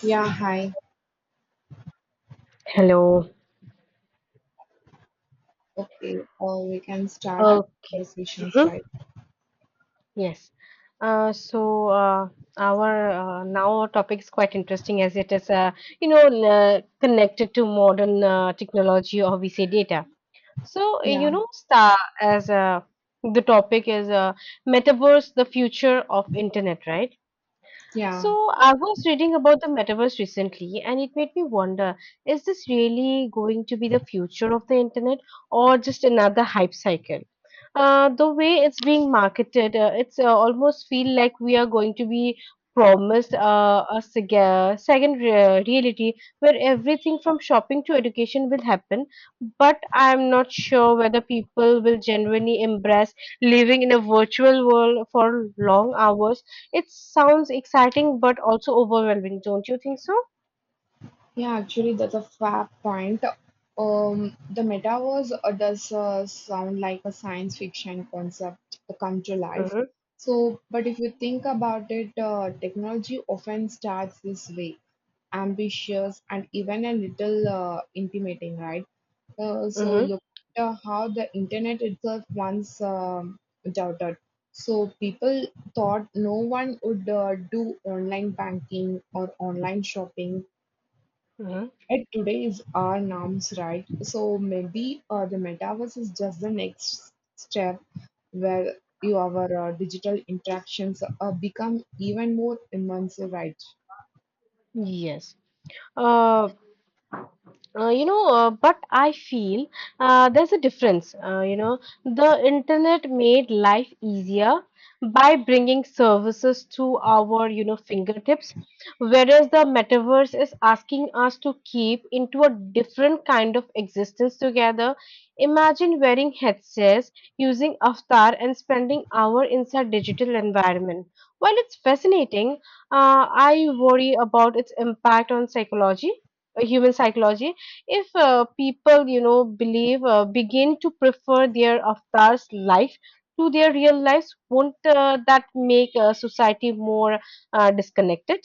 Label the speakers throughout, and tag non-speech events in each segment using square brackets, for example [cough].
Speaker 1: Yeah, hi.
Speaker 2: Hello.
Speaker 1: Okay, we can start our
Speaker 2: Uh,
Speaker 1: conversations,
Speaker 2: mhm.
Speaker 1: right?
Speaker 2: Yes. So our Now our topic is quite interesting as it is you know connected to modern technology or we say data.
Speaker 1: Yeah,
Speaker 2: Star as The topic is metaverse, the future of internet, right?
Speaker 1: yeah.
Speaker 2: So I was reading about the metaverse recently, and it made me wonder, is this really going to be the future of the internet or just another hype cycle? The way it's being marketed, it's almost feel like we are going to be promised a second reality where everything from shopping to education will happen. But I'm not sure whether people will genuinely embrace living in a virtual world for long hours. It sounds exciting but also overwhelming, don't you think so?
Speaker 1: Yeah, actually, that's a fair point. The metaverse does sound like a science fiction concept to come to life.
Speaker 2: Mm-hmm.
Speaker 1: So, but if you think about it, technology often starts this way, ambitious and even a little intimidating, right? So
Speaker 2: Mm-hmm.
Speaker 1: look at how the internet itself once doubted. So people thought no one would do online banking or online shopping
Speaker 2: Mm-hmm.
Speaker 1: it today is our norms, right? So maybe the metaverse is just the next step where your digital interactions become even more immersive, right?
Speaker 2: Yes. Uh, but I feel there's a difference. The internet made life easier by bringing services to our, fingertips, whereas the metaverse is asking us to keep into a different kind of existence together. Imagine wearing headsets, using avatar, and spending hours inside digital environment. While it's fascinating, I worry about its impact on psychology, human psychology if people believe begin to prefer their avatars life to their real lives. Won't that make society more disconnected?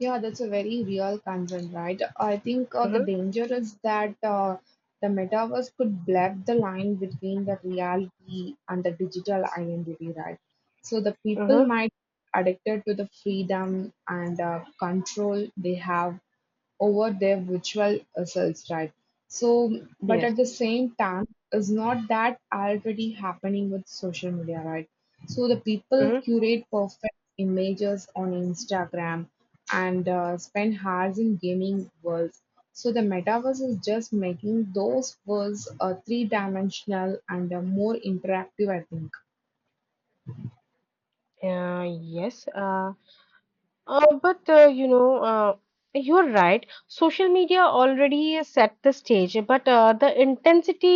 Speaker 1: Yeah, that's a very real concern, right? I think the
Speaker 2: Mm-hmm,
Speaker 1: danger is that the metaverse could blur the line between the reality and the digital identity, right? So the people
Speaker 2: mm-hmm,
Speaker 1: might addicted to the freedom and control they have over their virtual selves, right? So, but
Speaker 2: yes,
Speaker 1: at the same time, is not that already happening with social media, right? So the people
Speaker 2: mm-hmm.
Speaker 1: curate perfect images on Instagram and spend hours in gaming worlds. So the metaverse is just making those worlds three-dimensional and more interactive, I think.
Speaker 2: Yes. But you know, You're right. Social media already set the stage, but the intensity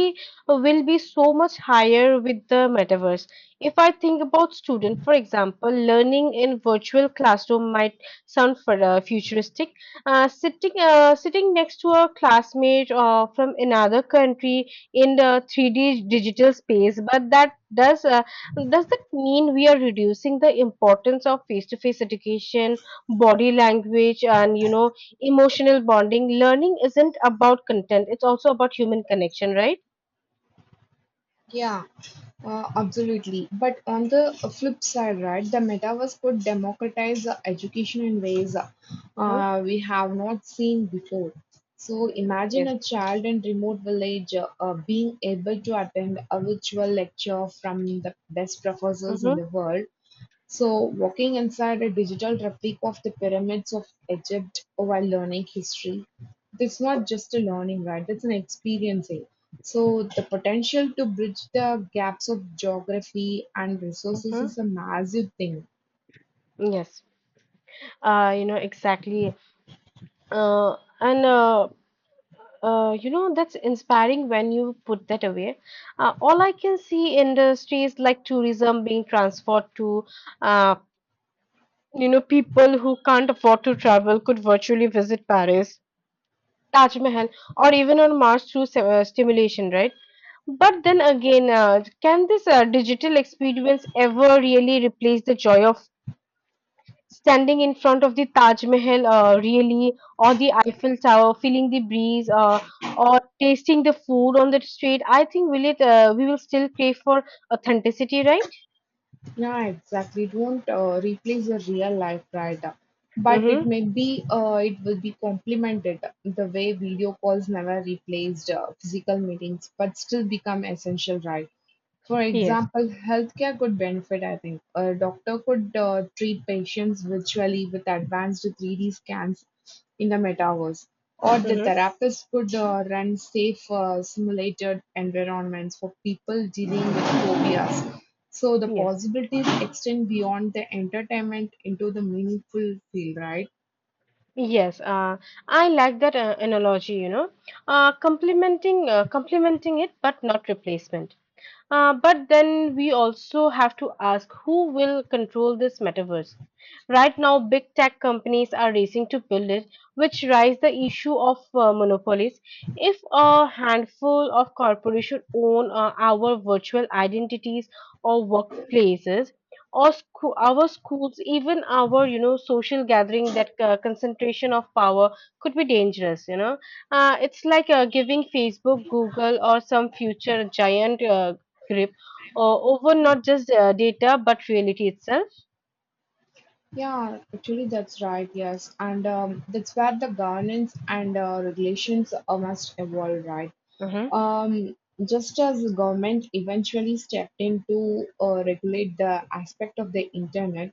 Speaker 2: will be so much higher with the metaverse. If I think about student, for example, learning in virtual classroom might sound for futuristic. Sitting next to a classmate from another country in the 3D digital space, but that does that mean we are reducing the importance of face to face education, body language, and emotional bonding? Learning isn't about content, it's also about human connection, right?
Speaker 1: Yeah, absolutely. But on the flip side, right, the metaverse could democratize education in ways
Speaker 2: Mm-hmm.
Speaker 1: we have not seen before. So imagine
Speaker 2: Yes.
Speaker 1: a child in remote village being able to attend a virtual lecture from the best professors in
Speaker 2: Mm-hmm.
Speaker 1: the world so, walking inside a digital replica of the pyramids of Egypt while learning history, it's not just a learning, right? It's an experiencing. So, the potential to bridge the gaps of geography and resources
Speaker 2: Mm-hmm.
Speaker 1: is a massive thing.
Speaker 2: Yes. Exactly. And you know That's inspiring. When you put that away, all I can see industries like tourism being transferred to. uh People who can't afford to travel could virtually visit Paris, Taj Mahal, or even on Mars through stimulation, right? But then again, can this digital experience ever really replace the joy of standing in front of the Taj Mahal, really, or the Eiffel Tower, feeling the breeze, or tasting the food on the street? I think, will it? We will still crave for authenticity, right?
Speaker 1: Yeah, exactly. It won't replace the real life right but it
Speaker 2: Mm-hmm.
Speaker 1: may be it will be complemented the way video calls never replaced physical meetings, but still become essential, right? For
Speaker 2: Yes.
Speaker 1: example, healthcare could benefit, I think. A doctor could treat patients virtually with advanced 3D scans in the metaverse, or the
Speaker 2: Mm-hmm.
Speaker 1: therapist could run safe simulated environments for people dealing with phobias. So the
Speaker 2: Yes.
Speaker 1: possibilities extend beyond the entertainment into the meaningful field, right?
Speaker 2: Yes, I like that analogy, you know, complementing it, but not replacement. But then we also have to ask who will control this metaverse. Right now, big tech companies are racing to build it, which raises the issue of monopolies. If a handful of corporations own our virtual identities, or workplaces, or our schools, even our social gathering, that concentration of power could be dangerous. You know, it's like giving Facebook, Google, or some future giant grip over not just data but reality itself.
Speaker 1: Yeah, actually, that's right. Yes, and that's where the governance and regulations must evolve, right?
Speaker 2: Mm-hmm.
Speaker 1: Um, just as the government eventually stepped in to regulate the aspect of the internet,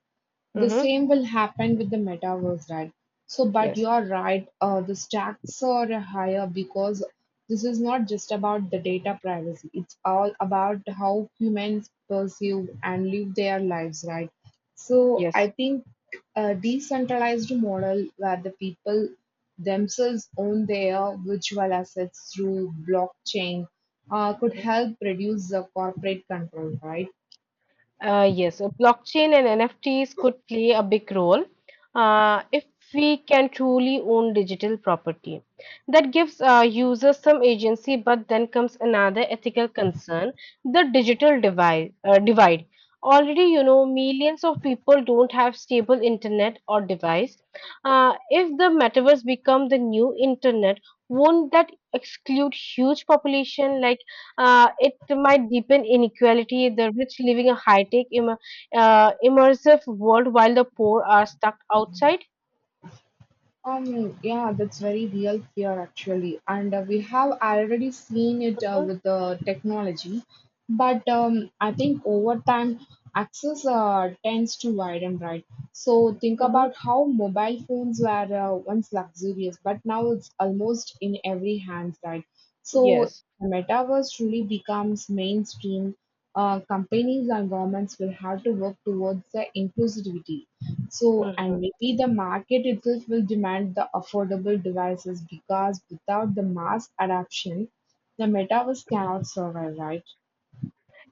Speaker 1: the
Speaker 2: Mm-hmm.
Speaker 1: same will happen with the metaverse, right? So, but you
Speaker 2: Yes.
Speaker 1: are right, the stakes are higher because this is not just about the data privacy. It's all about how humans perceive and live their lives, right? So, I
Speaker 2: Yes.
Speaker 1: think a decentralized model where the people themselves own their virtual assets through blockchain could help reduce the corporate control, right?
Speaker 2: Yes, Blockchain and NFTs could play a big role if we can truly own digital property. That gives users some agency, but then comes another ethical concern, the digital divide, divide. Already, you know, millions of people don't have stable internet or device. If the metaverse become the new internet, won't that exclude huge population? It might deepen inequality, the rich living a high tech, immersive world while the poor are stuck outside.
Speaker 1: Yeah, that's very real fear actually, and we have already seen it
Speaker 2: Mhm,
Speaker 1: with the technology. But I think over time, access tends to widen, right? So think
Speaker 2: mhm.
Speaker 1: about how mobile phones were once luxurious, but now it's almost in every hand, right? So
Speaker 2: Yes.
Speaker 1: the metaverse truly becomes mainstream. Companies and governments will have to work towards the inclusivity so, and
Speaker 2: Mm-hmm.
Speaker 1: maybe the market itself will demand the affordable devices because without the mass adoption, the metaverse cannot survive, right?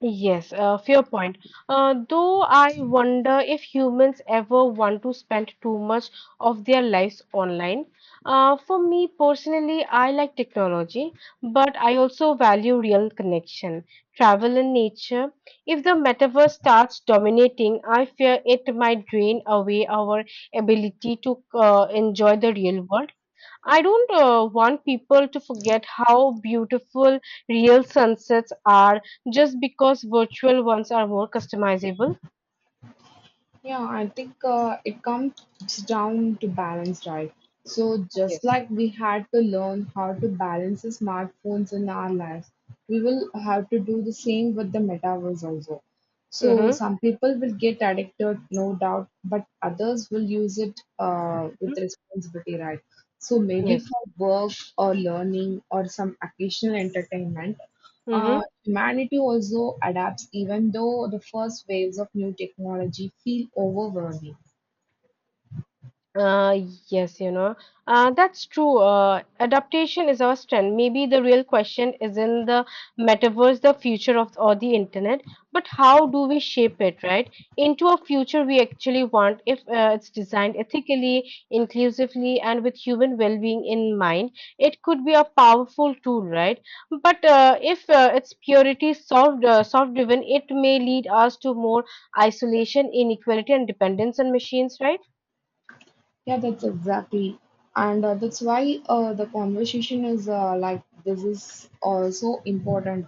Speaker 2: Yes, fair point. Though I wonder if humans ever want to spend too much of their lives online. For me personally, I like technology, but I also value real connection, travel, and nature. If the metaverse starts dominating, I fear it might drain away our ability to enjoy the real world. I don't want people to forget how beautiful real sunsets are just because virtual ones are more customizable.
Speaker 1: Yeah, I think it comes down to balance, right? So, just
Speaker 2: Yes.
Speaker 1: like we had to learn how to balance the smartphones in our lives, we will have to do the same with the metaverse also. So,
Speaker 2: Mm-hmm.
Speaker 1: some people will get addicted, no doubt, but others will use it with responsibility, right? So, maybe
Speaker 2: Yes.
Speaker 1: for work or learning or some occasional entertainment,
Speaker 2: Mm-hmm.
Speaker 1: humanity also adapts, even though the first waves of new technology feel overwhelming.
Speaker 2: Uh, yes, you know, that's true. Adaptation is our strength. Maybe the real question is, in the metaverse, the future of or the internet, but how do we shape it, right? Into a future we actually want if it's designed ethically, inclusively, and with human well-being in mind. It could be a powerful tool, right? But if it's purity solved, solved-driven, it may lead us to more isolation, inequality, and dependence on machines, right?
Speaker 1: Yeah, that's exactly. And that's why the conversation is like this is so important.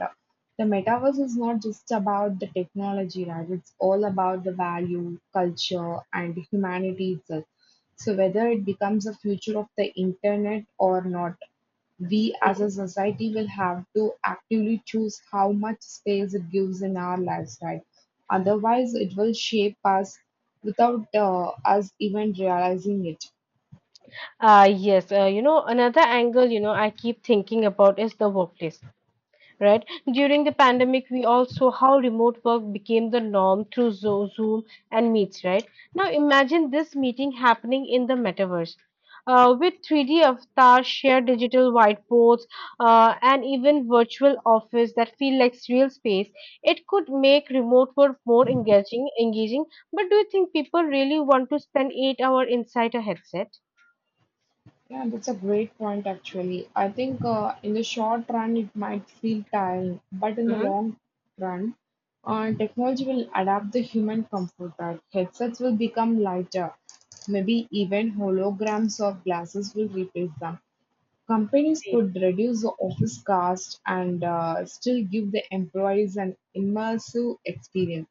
Speaker 1: The metaverse is not just about the technology, right? It's all about the value, culture, and humanity itself. So, whether it becomes a future of the internet or not, we as a society will have to actively choose how much space it gives in our lives, right? Otherwise, it will shape us without us even realizing it.
Speaker 2: Another angle, you know, I keep thinking about is the workplace, right? During the pandemic, we all saw how remote work became the norm through Zoom and Meets, right? Now imagine this meeting happening in the metaverse. With 3D avatars, shared digital whiteboards, and even virtual office that feel like real space, it could make remote work more engaging. But do you think people really want to spend 8 hours inside a headset?
Speaker 1: Yeah, that's a great point actually. I think in the short run it might feel tiring, but in the
Speaker 2: Mhm.
Speaker 1: long run, technology will adapt the human comfort. Right? Headsets will become lighter. Maybe even holograms or glasses will replace them. Companies could reduce the office cost and still give the employees an immersive experience.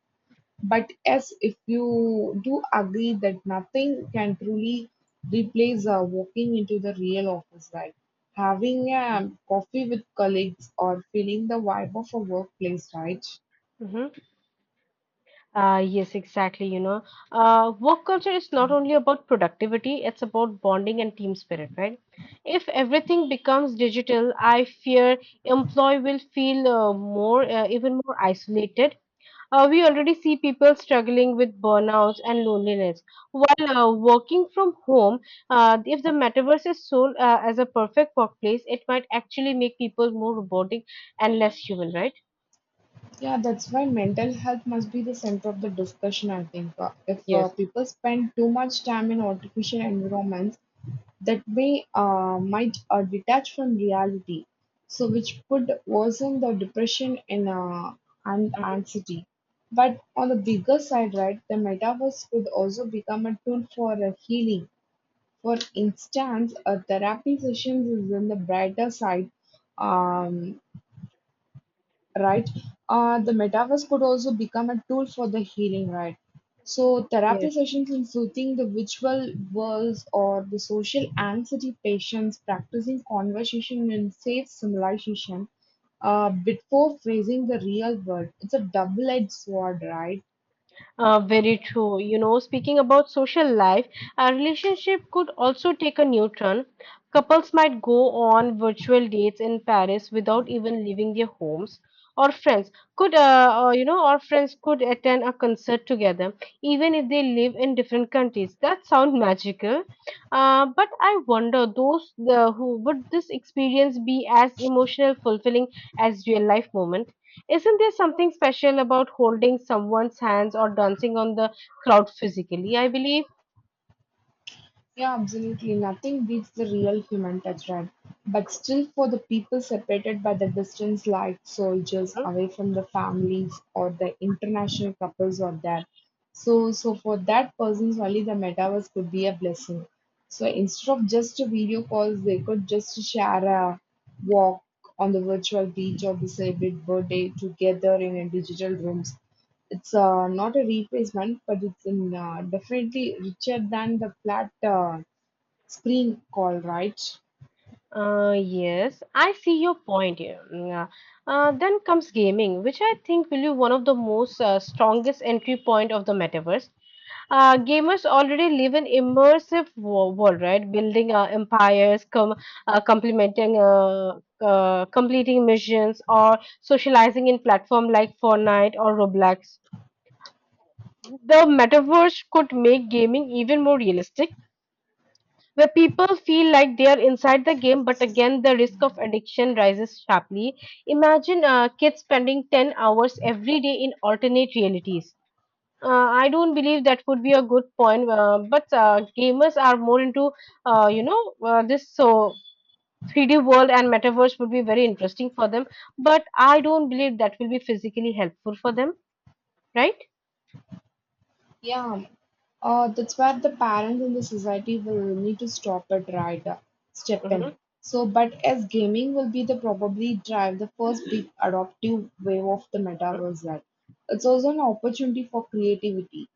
Speaker 1: But yes, if you do agree that nothing can truly replace walking into the real office, right? Having a coffee with colleagues or feeling the vibe of a workplace, right?
Speaker 2: Mhm. Yes, exactly. You know, work culture is not only about productivity, it's about bonding and team spirit, right? If everything becomes digital, I fear employee will feel even more isolated. We already see people struggling with burnouts and loneliness. While working from home, if the metaverse is sold as a perfect workplace, it might actually make people more robotic and less human, right?
Speaker 1: Yeah, that's why mental health must be the center of the discussion, I think. If
Speaker 2: Yes.
Speaker 1: people spend too much time in artificial environments, that may might detach from reality, so which could worsen the depression and
Speaker 2: Mhm.
Speaker 1: anxiety. But on the bigger side, right, the metaverse could also become a tool for healing. For instance, a therapy session is in the brighter side. Um, right? The metaverse could also become a tool for the healing, right? So, therapy
Speaker 2: Yes.
Speaker 1: sessions including the virtual worlds or the social anxiety patients practicing conversation in safe simulation before facing the real world. It's a double edged sword, right?
Speaker 2: Very true. You know, speaking about social life, a relationship could also take a new turn. Couples might go on virtual dates in Paris without even leaving their homes. Or friends could attend a concert together, even if they live in different countries. That sounds [laughs] magical. But I wonder, those who would this experience be as emotional fulfilling as real life moment? Isn't there something special about holding someone's hands or dancing on the crowd physically? I believe.
Speaker 1: Yeah, absolutely. Nothing beats the real human touch, right? But still, for the people separated by the distance, like soldiers
Speaker 2: Mhm.
Speaker 1: away from the families or the international couples or that. So for that persons, only the metaverse could be a blessing. So instead of just a video calls, they could just share a walk on the virtual beach or the celebrate birthday together in a digital rooms. It's not a replacement, but it's in, definitely richer than the flat screen call, right?
Speaker 2: Yes, I see your point here. Then comes gaming, which I think will be one of the most strongest entry point of the metaverse. Gamers already live in immersive world, right? Building empires, uh, complementing, uh, completing missions, or socializing in platform like Fortnite or Roblox. The metaverse could make gaming even more realistic, where people feel like they are inside the game, but again, the risk of addiction rises sharply. Imagine kids spending 10 hours every day in alternate realities. I don't believe that would be a good point, but gamers are more into, this so 3D world, and metaverse would be very interesting for them, but I don't believe that will be physically helpful for them, right?
Speaker 1: Yeah, that's where the parents and the society will need to stop it, right? Step in. So, but as gaming will be the probably drive the first big adoptive wave of the metaverse, right? It's also an opportunity for creativity.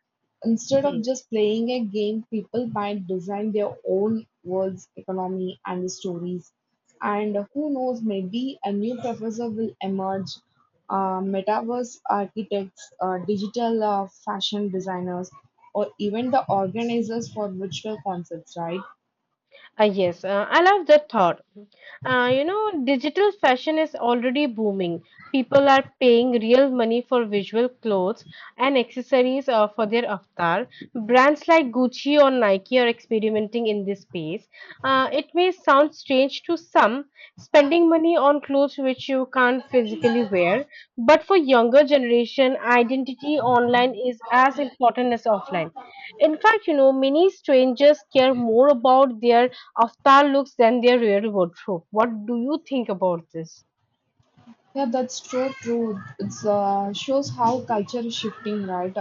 Speaker 1: Instead of just playing a game, people might design their own worlds, economy, and the stories. And who knows, maybe a new professor will emerge. Metaverse architects, digital fashion designers, or even the organizers for virtual concerts, right?
Speaker 2: Yes, I love that thought. Digital fashion is already booming. People are paying real money for visual clothes and accessories for their avatar. Brands like Gucci or Nike are experimenting in this space. It may sound strange to some, spending money on clothes which you can't physically wear, but for younger generation, identity online is as important as offline. In fact, you know, many strangers care more about their of far looks than their real wardrobe. What do you think about this?
Speaker 1: Yeah, that's so true. It's shows how culture is shifting, right?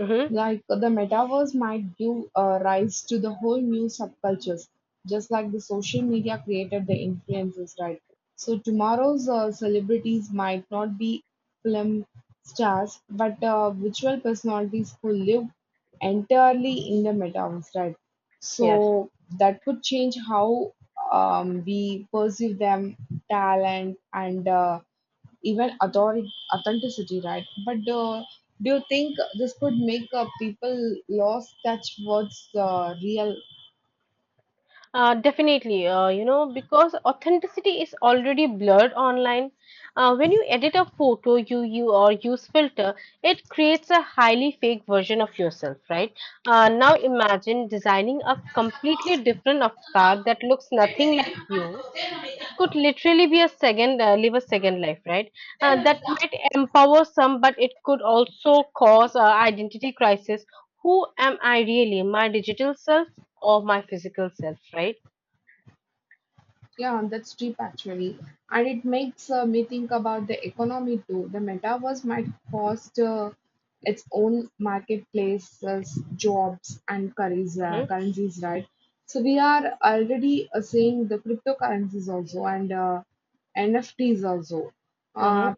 Speaker 2: Mm-hmm.
Speaker 1: Like the metaverse might give rise to the whole new subcultures, just like the social media created the influences, right? So tomorrow's celebrities might not be film stars, but virtual personalities who live entirely in the metaverse, right?
Speaker 2: Yes,
Speaker 1: So that could change how we perceive them, talent, and even authority authenticity, right? But do you think this could make people lost touch what's real?
Speaker 2: definitely. Because authenticity is already blurred online. When you edit a photo, you or use filter, it creates a highly fake version of yourself, right? Now imagine designing a completely different avatar that looks nothing like you. It could literally be a second, live a second life, right? That might empower some, but it could also cause identity crisis. Who am I really, my digital self or my physical self, right?
Speaker 1: Yeah, that's deep actually, and it makes me think about the economy too. The metaverse might cost its own marketplaces, jobs, and
Speaker 2: Mm-hmm,
Speaker 1: currencies, right? So we are already seeing the cryptocurrencies also and NFTs also. Uh,
Speaker 2: mm-hmm,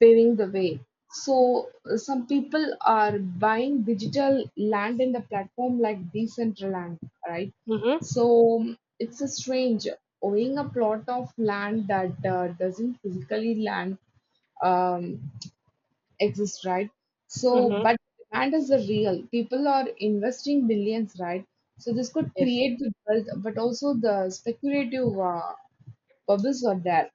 Speaker 1: Paving the way. So some people are buying digital land in the platform like Decentraland, right?
Speaker 2: mm-hmm,
Speaker 1: So it's a strange owning a plot of land that doesn't physically land um, exist, right? So,
Speaker 2: mm-hmm.
Speaker 1: but demand is the real. People are investing billions, right? So this could
Speaker 2: Yes.
Speaker 1: create the wealth, but also the speculative bubbles are there.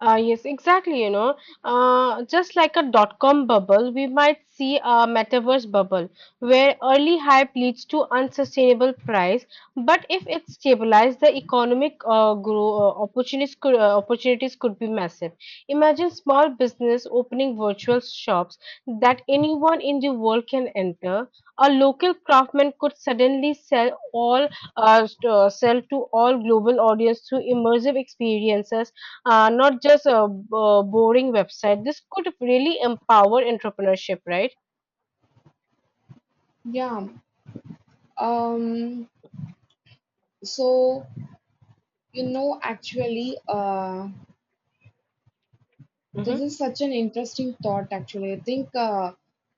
Speaker 2: Yes, exactly. You know, just like a .com bubble, we might see a metaverse bubble where early hype leads to unsustainable price. But if it stabilizes, the economic grow opportunities could be massive. Imagine small business opening virtual shops that anyone in the world can enter. A local craftsman could suddenly sell to all global audience through immersive experiences, not just a, b- boring website. This could really empower entrepreneurship, right?
Speaker 1: Yeah. Um. So You know, actually, uh, this
Speaker 2: Mhm.
Speaker 1: is such an interesting thought. Actually, I think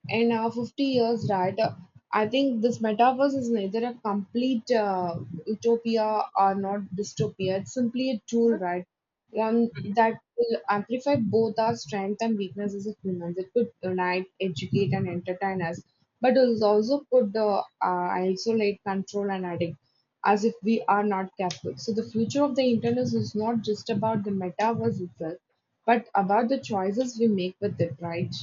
Speaker 1: in our 50 years, right? I think this metaverse is neither a complete utopia or not dystopia. It's simply a tool, right? One that will amplify both our strength and weaknesses as humans. It could unite, educate, and entertain us, but it also could isolate, control, and addict as if we are not careful. So, the future of the internet is not just about the metaverse itself, but about the choices we make with it, right?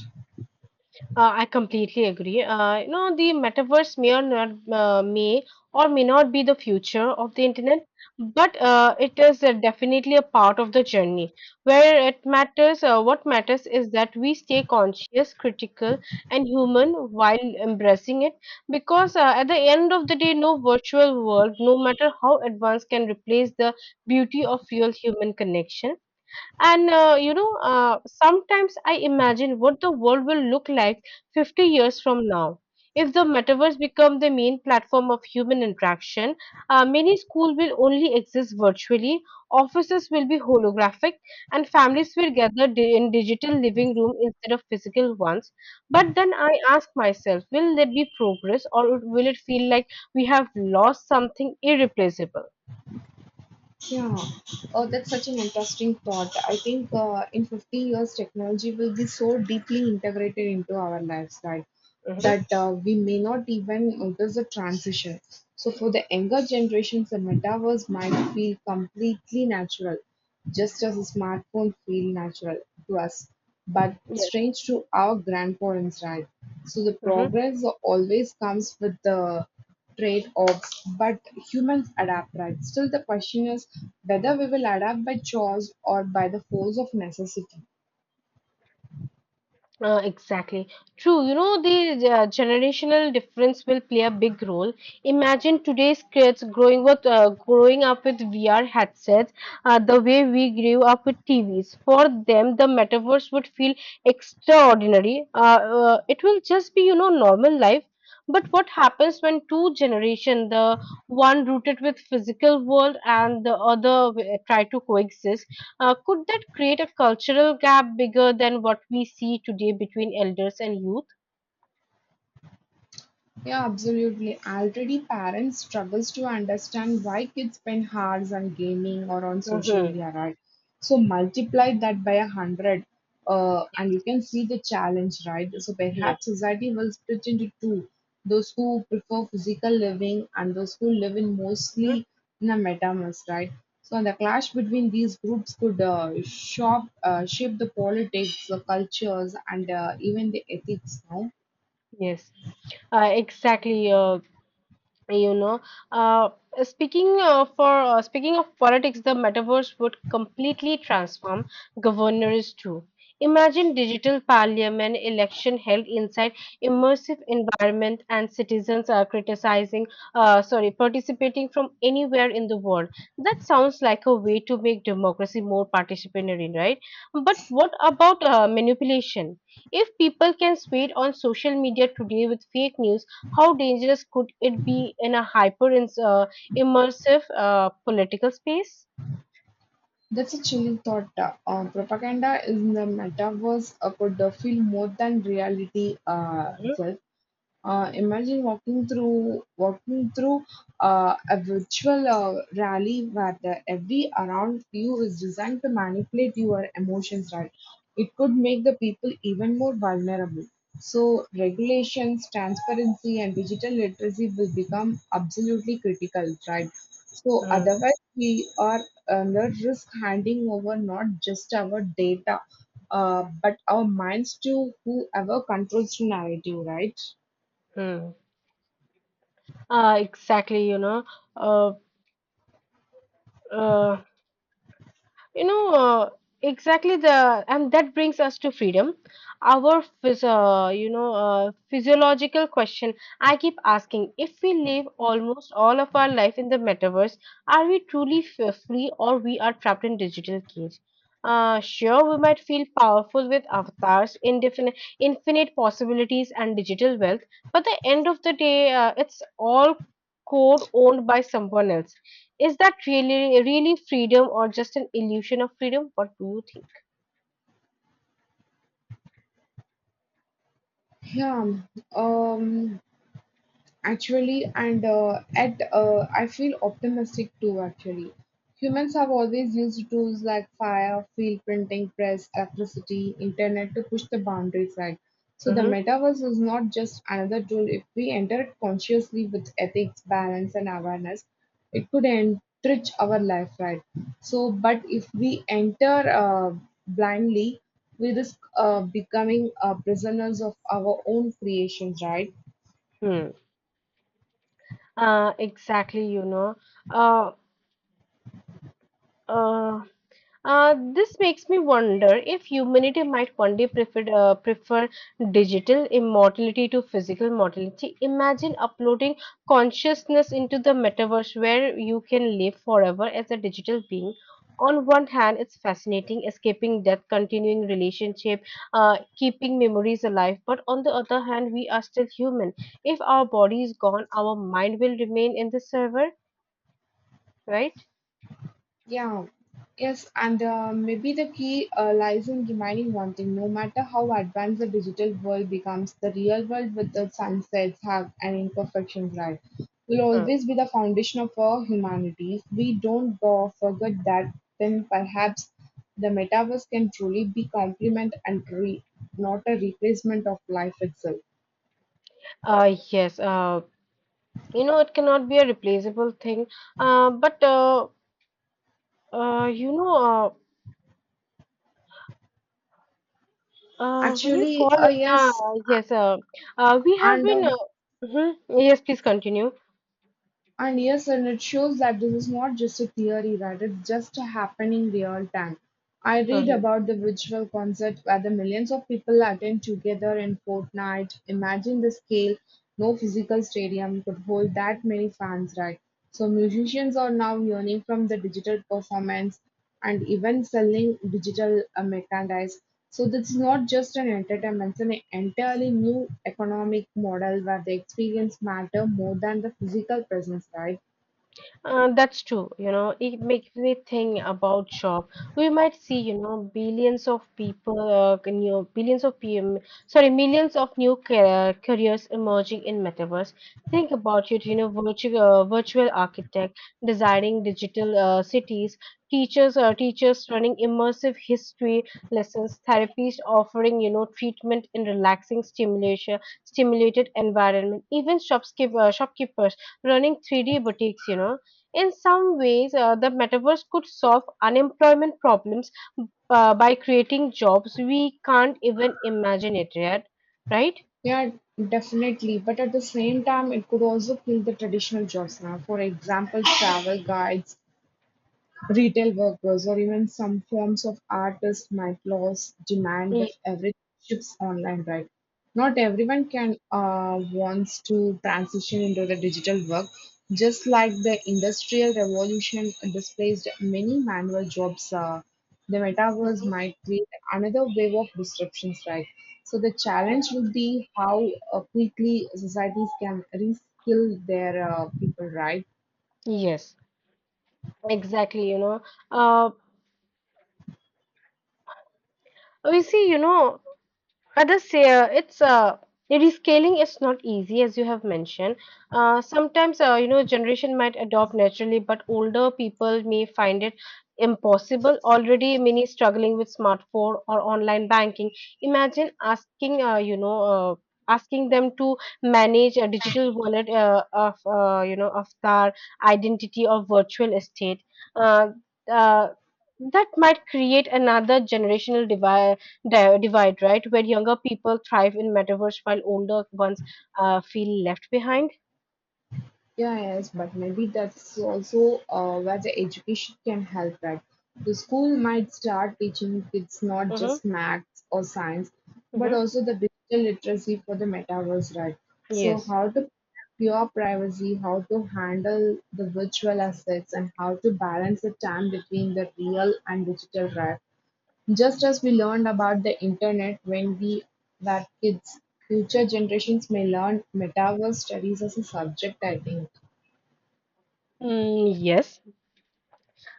Speaker 2: I completely agree. The metaverse may or may not be the future of the internet, but it is definitely a part of the journey. What matters is that we stay conscious, critical, and human while embracing it. Because at the end of the day, no virtual world, no matter how advanced, can replace the beauty of real human connection. And sometimes I imagine what the world will look like 50 years from now. If the metaverse become the main platform of human interaction, many schools will only exist virtually, offices will be holographic, and families will gather in digital living room instead of physical ones. But then I ask myself, will there be progress, or will it feel like we have lost something irreplaceable?
Speaker 1: Yeah, oh, that's such an interesting thought. I think in 50 years, technology will be so deeply integrated into our lives, right?
Speaker 2: Hmm.
Speaker 1: That we may not even notice the transition. So, for the younger generations, the metaverse might feel completely natural, just as a smartphone feel natural to us, but
Speaker 2: Yes.
Speaker 1: strange to our grandparents, right? So, the
Speaker 2: Mm-hmm.
Speaker 1: progress always comes with the trade-offs, but humans adapt, right? Still, the question is whether we will adapt by choice or by the force of necessity.
Speaker 2: Exactly. True. You know, the generational difference will play a big role. Imagine today's kids growing up with VR headsets, the way we grew up with TVs. For them, the metaverse would feel extraordinary. It will just be, you know, normal life. But what happens when two generation, the one rooted with physical world and the other try to coexist? Could that create a cultural gap bigger than what we see today between elders and youth?
Speaker 1: Yeah, absolutely. Already parents struggles to understand why kids spend hours on gaming or on social
Speaker 2: Hmm.
Speaker 1: media, right? So multiply that by 100, and you can see the challenge, right? So perhaps
Speaker 2: Yes.
Speaker 1: society will split into two: those who prefer physical living and those who live in
Speaker 2: Hmm.
Speaker 1: mostly in a metaverse, right? So the clash between these groups could shape the politics, the cultures, and even the ethics now.
Speaker 2: Yes. Exactly. You know uh, speaking for speaking of politics, the metaverse would completely transform governors too. Imagine digital parliament election held inside immersive environment, and citizens are criticizing sorry participating from anywhere in the world. That sounds like a way to make democracy more participatory, right? But what about manipulation? If people can spread on social media today with fake news, how dangerous could it be in a immersive political space?
Speaker 1: That's a chilling thought. Propaganda in the metaverse could feel more than reality itself. Imagine walking through a virtual rally where the, every around you is designed to manipulate your emotions. Right, it could make the people even more vulnerable. So regulations, transparency, and digital literacy will become absolutely critical. Right. So
Speaker 2: Mm-hmm.
Speaker 1: otherwise, we are under risk handing over not just our data, but our minds to whoever controls the narrative. Right.
Speaker 2: Mm-hmm. Exactly, you know. Uh, uh, You know, uh, and that brings us to freedom. Our physiological question I keep asking, if we live almost all of our life in the metaverse, are we truly free, or we are trapped in digital cage? Sure, we might feel powerful with avatars, indefinite, infinite possibilities, and digital wealth, but the end of the day, it's all code owned by someone else. Is that really freedom or just an illusion of freedom? What do you think?
Speaker 1: Yeah. Um, Actually and at I feel optimistic too actually. Humans have always used tools like fire field printing press electricity internet to push the boundaries, right? So the
Speaker 2: Mm-hmm.
Speaker 1: metaverse is not just another tool. If we enter it consciously with ethics balance and awareness, it could enrich our life, right? So but if we enter blindly, we risk becoming prisoners of our own creations, right?
Speaker 2: Hmm. Exactly, you know. Uh, uh, this makes me wonder if humanity might one day prefer digital immortality to physical mortality. Imagine uploading consciousness into the metaverse where you can live forever as a digital being. On one hand, it's fascinating, escaping death, continuing relationship, keeping memories alive. But on the other hand, we are still human. If our body is gone, our mind will remain in the server, right?
Speaker 1: Yeah, yes, and maybe the key lies in reminding one thing: no matter how advanced the digital world becomes, the real world with its sunsets, have and imperfections, right, will
Speaker 2: Mm.
Speaker 1: always be the foundation of our humanity. If we don't forget that, then perhaps the metaverse can truly be complement and not a replacement of life itself.
Speaker 2: Yes. You know, it cannot be a replaceable thing, but you know when you
Speaker 1: Actually,
Speaker 2: call it now,
Speaker 1: yes,
Speaker 2: yes. We
Speaker 1: a-
Speaker 2: have
Speaker 1: and
Speaker 2: been
Speaker 1: um,
Speaker 2: mhm. Yes, please continue.
Speaker 1: and yes, and it shows that this is not just a theory, that it's just happening real time. I read
Speaker 2: Uh-huh.
Speaker 1: about the virtual concert where the millions of people attend together in Fortnite. Imagine the scale. No physical stadium could hold that many fans, right? So musicians are now yearning from the digital performance and even selling digital merchandise. So this is not just an entertainment, it's an entirely new economic model where the experience matter more than the physical presence, right?
Speaker 2: That's true. You know, it makes me think about job. We might see, you know, billions of people, c- new billions of PM, sorry, millions of new careers emerging in metaverse. Think about it, you know, virtual architect designing digital cities, teachers running immersive history lessons, therapists offering, you know, treatment in relaxing stimulation stimulated environment, even shopkeepers running 3D boutiques, you know. In some ways, the metaverse could solve unemployment problems by creating jobs we can't even imagine it yet, right?
Speaker 1: Yeah, definitely. But at the same time, it could also kill the traditional jobs now. For example, travel guides, retail workers or even some forms of artists might lose demand
Speaker 2: Y-
Speaker 1: if everything shifts online, right? Not everyone can wants to transition into the digital work. Just like the industrial revolution displaced many manual jobs, the metaverse might create another wave of disruptions, right? So the challenge would be how quickly societies can reskill their people, right?
Speaker 2: Yes, exactly. You know, uh, we see, you know, Others, it's The rescaling is not easy, as you have mentioned. Sometimes, you know, generation might adopt naturally, but older people may find it impossible. Already, many struggling with smartphone or online banking. Imagine asking them to manage a digital wallet of their identity or virtual estate. Uh, uh, that might create another generational divide, right? Where younger people thrive in metaverse while older ones feel left behind.
Speaker 1: Yeah, yes, but maybe that's also where the education can help at. The school might start teaching kids not
Speaker 2: Mm-hmm.
Speaker 1: just maths or science, but
Speaker 2: Mm-hmm.
Speaker 1: also the digital literacy for the metaverse, right? So,
Speaker 2: Yes.
Speaker 1: how to protect your privacy, how to handle the virtual assets, and how to balance the time between the real and digital, right? Just as we learned about the internet when we were kids, future generations may learn metaverse studies as a subject, I think.
Speaker 2: Mm, yes.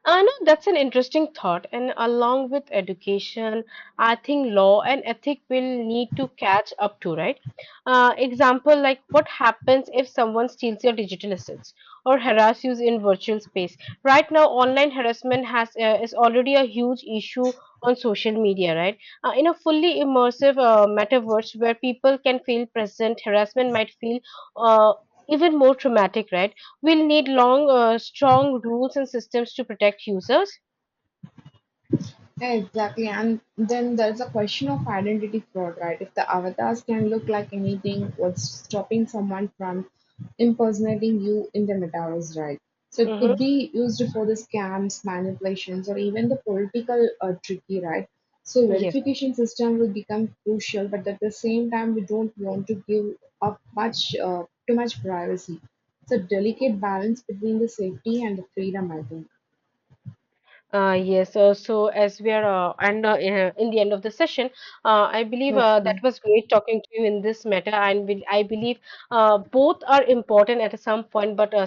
Speaker 2: No, that's an interesting thought. And along with education, I think law and ethic will need to catch up to, right? Example like what happens if someone steals your digital assets or harass you in virtual space? Right now, online harassment has is already a huge issue on social media, right? In a fully immersive metaverse where people can feel present, harassment might feel uh, even more traumatic, right? We'll need strong rules and systems to protect users.
Speaker 1: Yeah, exactly, and then there's a question of identity fraud, right? If the avatars can look like anything, what's stopping someone from impersonating you in the metaverse, right? So it could
Speaker 2: Hmm.
Speaker 1: be used for the scams, manipulations, or even the political tricky, right? So
Speaker 2: Yes.
Speaker 1: verification system will become crucial, but at the same time, we don't want to give up much too much privacy. It's a delicate balance between the safety and the freedom, I think.
Speaker 2: Yes. So as we are and in the end of the session, I believe that
Speaker 1: Okay.
Speaker 2: was great talking to you in this matter, and I believe both are important at some point, but